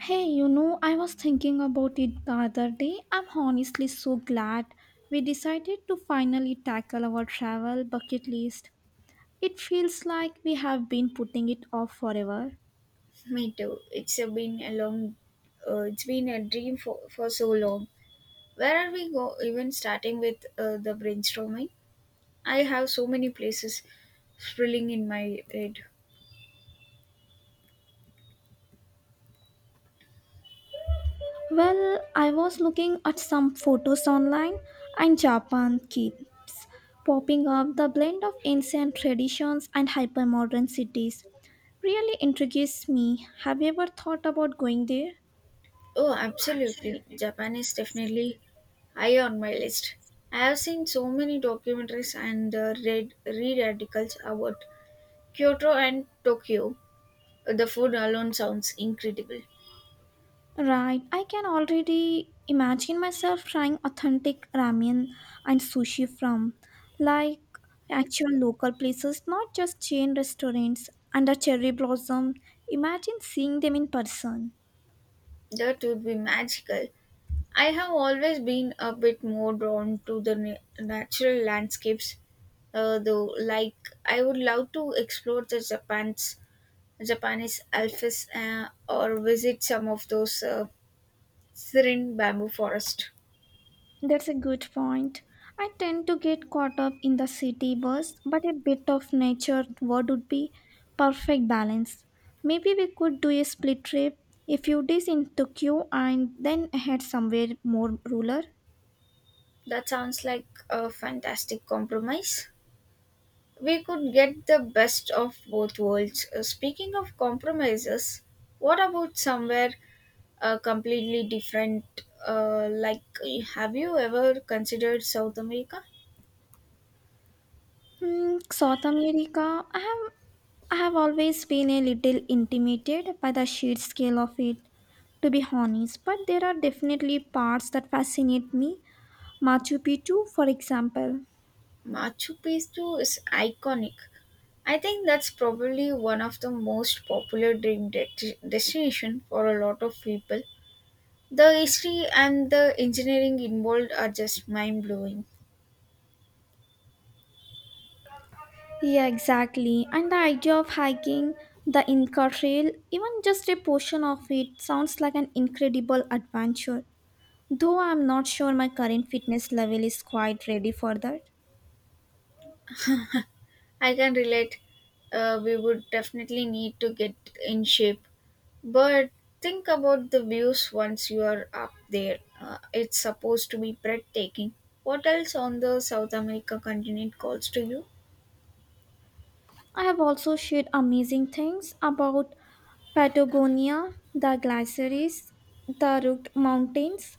Hey, I was thinking about it the other day. I'm honestly so glad we decided to finally tackle our travel bucket list. It feels like we have been putting it off forever. Me too. It's a been a long, it's been a dream for so long. Where are we go? Even starting with the brainstorming, I have so many places swirling in my head. Well, I was looking at some photos online, and Japan keeps popping up the blend of ancient traditions and hypermodern cities. Really intrigues me. Have you ever thought about going there? Oh, absolutely! Japan is definitely high on my list. I have seen so many documentaries and read articles about Kyoto and Tokyo. The food alone sounds incredible. Right, I can already imagine myself trying authentic ramen and sushi from like actual local places, not just chain restaurants under cherry blossom. Imagine seeing them in person. That would be magical. I have always been a bit more drawn to the natural landscapes, though. Like, I would love to explore the Japan's Japanese Alps or visit some of those serene bamboo forest. That's a good point. I tend to get caught up in the city buzz, but a bit of nature what would be perfect balance. Maybe we could do a split trip, a few days in Tokyo and then head somewhere more rural. That sounds like a fantastic compromise. We could get the best of both worlds. Speaking of compromises, what about somewhere completely different? Like, have you ever considered South America? South America, I have always been a little intimidated by the sheer scale of it, to be honest, but there are definitely parts that fascinate me. Machu Picchu, for example. Machu Picchu is iconic. I think that's probably one of the most popular dream destination for a lot of people. The history and the engineering involved are just mind blowing. Yeah, exactly. And the idea of hiking the Inca Trail, even just a portion of it, sounds like an incredible adventure. Though I'm not sure my current fitness level is quite ready for that. I can relate. We would definitely need to get in shape, but think about the views once you are up there. It's supposed to be breathtaking. What else on the South America continent calls to you? I have also shared amazing things about Patagonia, the glaciers, the Rook Mountains.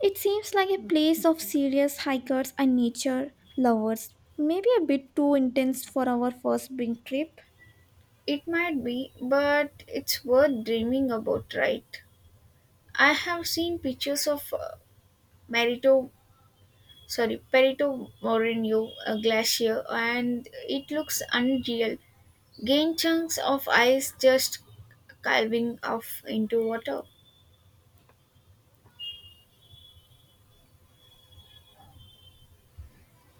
It seems like a place of serious hikers and nature lovers. Maybe a bit too intense for our first big trip. It might be, but it's worth dreaming about, right? I have seen pictures of Merito, Perito Moreno glacier, and it looks unreal. Gain chunks of ice just calving off into water.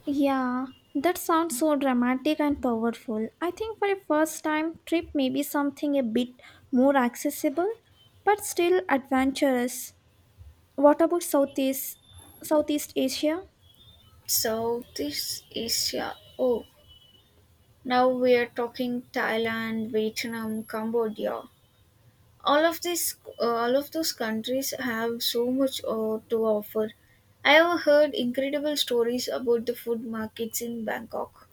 Yeah, that sounds so dramatic and powerful. I think for a first time trip, maybe something a bit more accessible, but still adventurous. What about Southeast Asia? So this is yeah. Oh, now we are talking Thailand, Vietnam, Cambodia. all of these all of those countries have so much to offer. I have heard incredible stories about the food markets in Bangkok.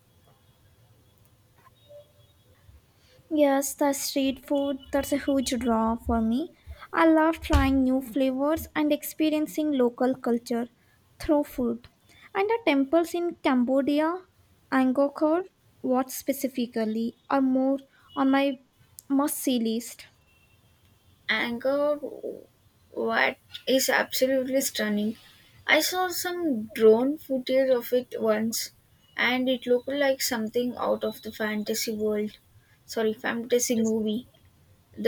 Yes, the street food, that's a huge draw for me. I love trying new flavors and experiencing local culture through food. And the temples in Cambodia, Angkor, what specifically, are more on my must see list. Angkor Wat is absolutely stunning. I saw some drone footage of it once, and it looked like something out of the fantasy world sorry fantasy movie.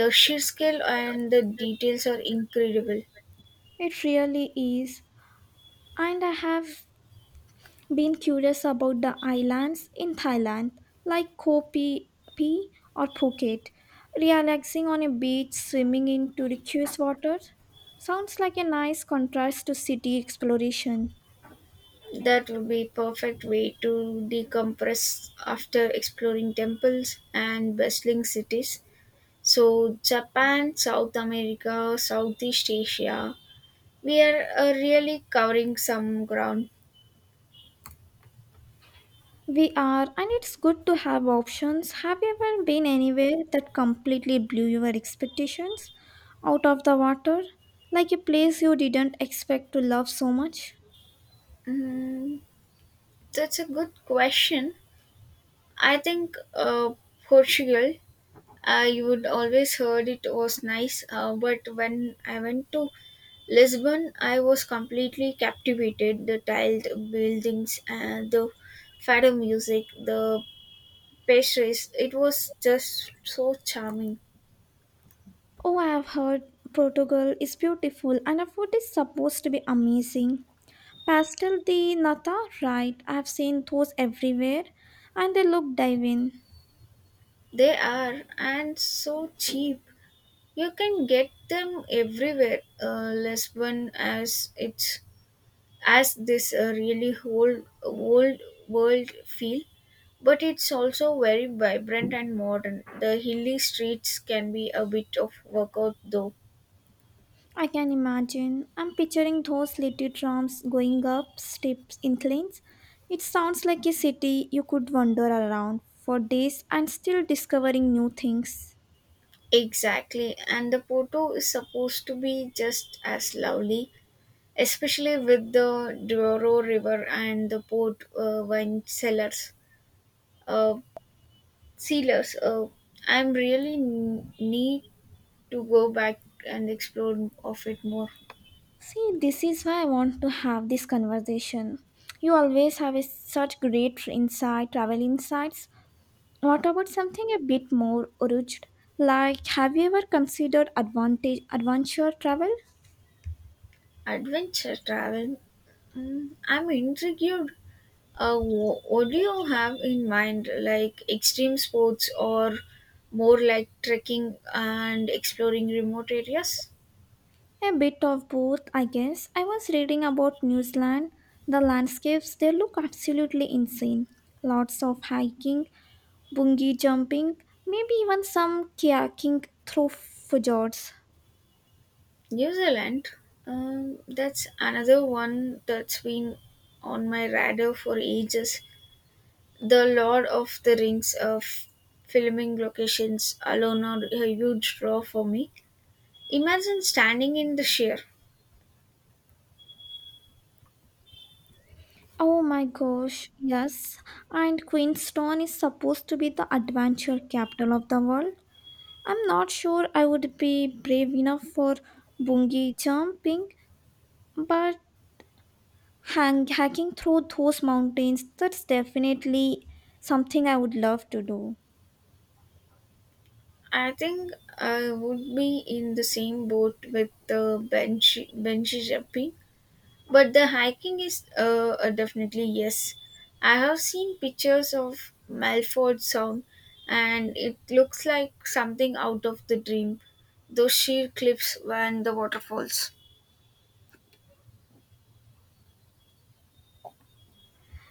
The sheer scale and the details are incredible. It really is. And I have been curious about the islands in Thailand, like Koh Phi Phi or Phuket. Relaxing on a beach, swimming in turquoise water. Sounds like a nice contrast to city exploration. That would be perfect way to decompress after exploring temples and bustling cities. So Japan, South America, Southeast Asia, we are really covering some ground. We are, and it's good to have options. Have you ever been anywhere that completely blew your expectations out of the water? Like a place you didn't expect to love so much? Mm, that's a good question. I think Portugal. I would always heard it was nice, but when I went to Lisbon, I was completely captivated the tiled buildings and the fado music, the pastries. It was just so charming. Oh, I've heard Portugal is beautiful and our food is supposed to be amazing. Pastel de nata, right? I've seen those everywhere and they look divine. They are and so cheap. You can get them everywhere. Lisbon as it's as this really whole old world feel, but it's also very vibrant and modern. The hilly streets can be a bit of workout though. I can imagine. I'm picturing those little trams going up steps inclines. It sounds like a city you could wander around for days and still discovering new things. Exactly, and the Porto is supposed to be just as lovely, especially with the Douro River and the port wine cellars, uh, sealers. I'm really need to go back and explore of it more. See, this is why I want to have this conversation. You always have such great insight, travel insights. What about something a bit more urged? Like, have you ever considered advantage adventure travel? Adventure travel. Mm, I'm intrigued. What do you have in mind, like extreme sports or more like trekking and exploring remote areas? A bit of both, I guess. I was reading about New Zealand. The landscapes they look absolutely insane. Lots of hiking, bungee jumping, maybe even some kayaking through fjords. New Zealand, that's another one that's been on my radar for ages. The Lord of the Rings of filming locations alone are a huge draw for me. Imagine standing in the sheer. Oh my gosh, yes. And Queenstown is supposed to be the adventure capital of the world. I'm not sure I would be brave enough for bungee jumping, but hacking through those mountains, that's definitely something I would love to do. I think I would be in the same boat with the Benji. But the hiking is definitely yes. I have seen pictures of Malford Sound, and it looks like something out of the dream. Those sheer cliffs and the waterfalls.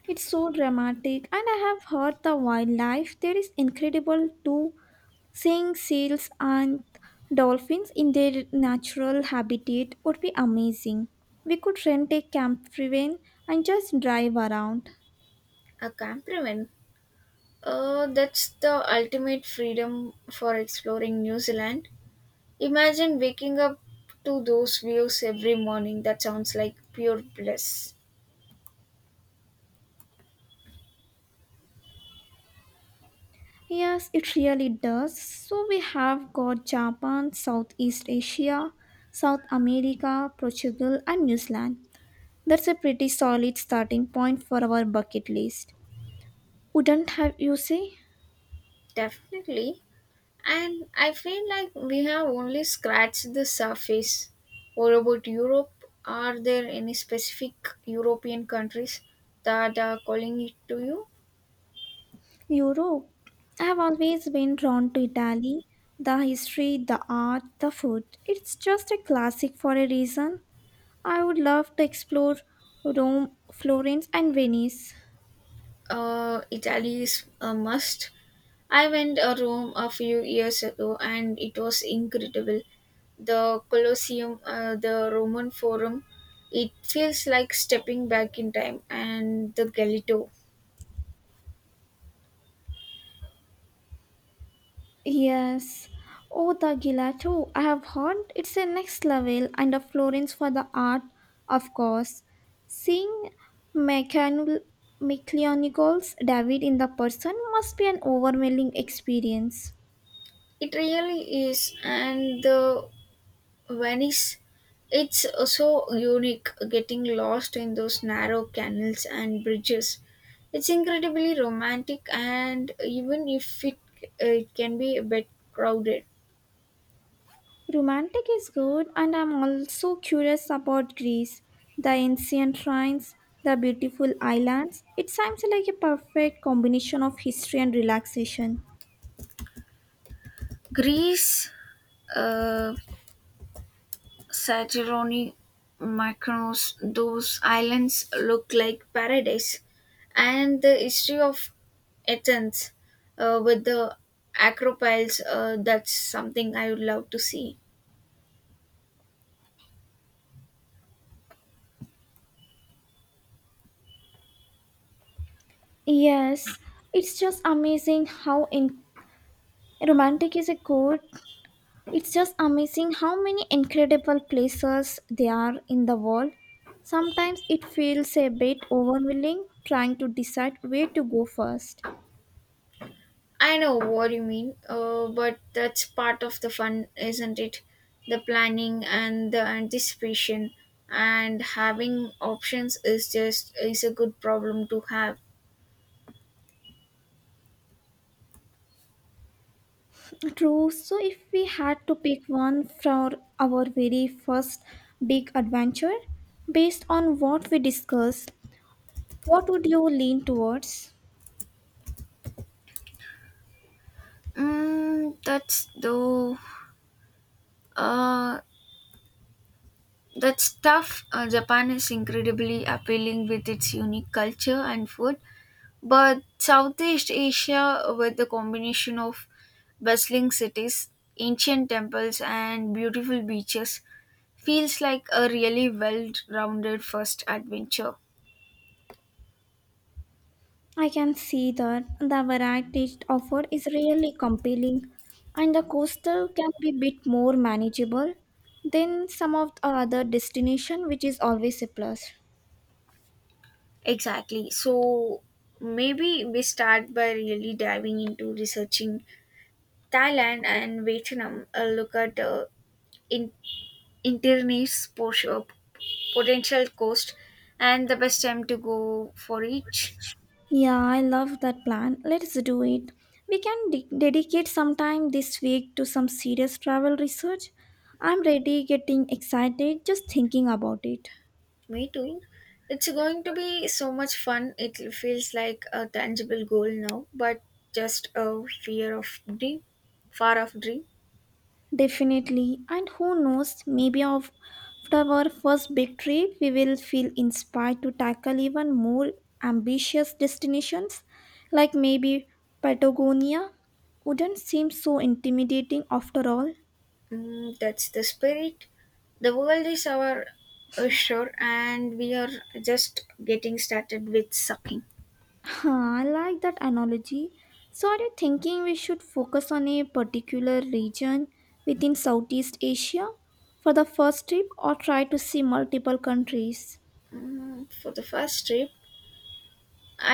It's so dramatic, and I have heard the wildlife there is incredible too. Seeing seals and dolphins in their natural habitat would be amazing. We could rent a camper van and just drive around. A campervan. That's the ultimate freedom for exploring New Zealand. Imagine waking up to those views every morning. That sounds like pure bliss. Yes, it really does. So we have got Japan, Southeast Asia, South America, Portugal, and New Zealand. That's a pretty solid starting point for our bucket list. Wouldn't have you say? Definitely. And I feel like we have only scratched the surface. What about Europe? Are there any specific European countries that are calling it to you? Europe. I have always been drawn to Italy. The history, the art, the food. It's just a classic for a reason. I would love to explore Rome, Florence, and Venice. Italy is a must. I went to Rome a few years ago, and it was incredible. The Colosseum, the Roman Forum, it feels like stepping back in time, and the Galileo. Yes. Oh, the gelato. I have heard it's a next level and a Florence for the art, of course. Seeing Mechan- Michelangelo David in the person must be an overwhelming experience. It really is, and the Venice, it's so unique getting lost in those narrow canals and bridges. It's incredibly romantic, and even if it, it can be a bit crowded. Romantic is good, and I'm also curious about Greece, the ancient shrines, the beautiful islands. It sounds like a perfect combination of history and relaxation. Greece, uh, Santorini, Mykonos, those islands look like paradise. And the history of Athens with the acropolis, that's something I would love to see. Yes, it's just amazing how Romantic is a good. It's just amazing how many incredible places there are in the world. Sometimes it feels a bit overwhelming trying to decide where to go first. I know what you mean, but that's part of the fun, isn't it? The planning and the anticipation, and having options is just is a good problem to have. True, so if we had to pick one for our very first big adventure, based on what we discussed, what would you lean towards? Mm, that's though. Uh, that's tough. Japan is incredibly appealing with its unique culture and food, but Southeast Asia, with the combination of bustling cities, ancient temples, and beautiful beaches, feels like a really well rounded first adventure. I can see that the variety offered is really compelling, and the coastal can be a bit more manageable than some of the other destination, which is always a plus. Exactly. So maybe we start by really diving into researching Thailand and Vietnam, a look at in- internet potential potential cost and the best time to go for each. Yeah, I love that plan. Let's do it. We can dedicate some time this week to some serious travel research. I'm ready getting excited just thinking about it. Me too. It's going to be so much fun. It feels like a tangible goal now, but just a fear of dream, far off dream. Definitely. And who knows, maybe after our first big trip, we will feel inspired to tackle even more ambitious destinations, like maybe Patagonia. Wouldn't seem so intimidating after all. Mm, that's the spirit. The world is our shore, and we are just getting started with sucking. Huh, I like that analogy. So, are you thinking we should focus on a particular region within Southeast Asia for the first trip or try to see multiple countries? Mm, for the first trip,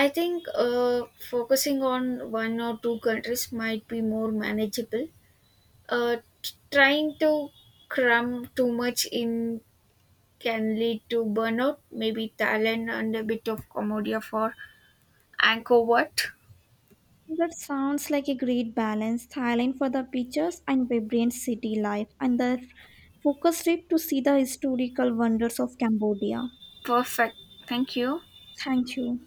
I think focusing on one or two countries might be more manageable. Trying to cram too much in can lead to burnout. Maybe Thailand and a bit of Cambodia for Angkor Wat. That sounds like a great balance. Thailand for the pictures and vibrant city life, and the focus trip to see the historical wonders of Cambodia. Perfect. Thank you. Thank you.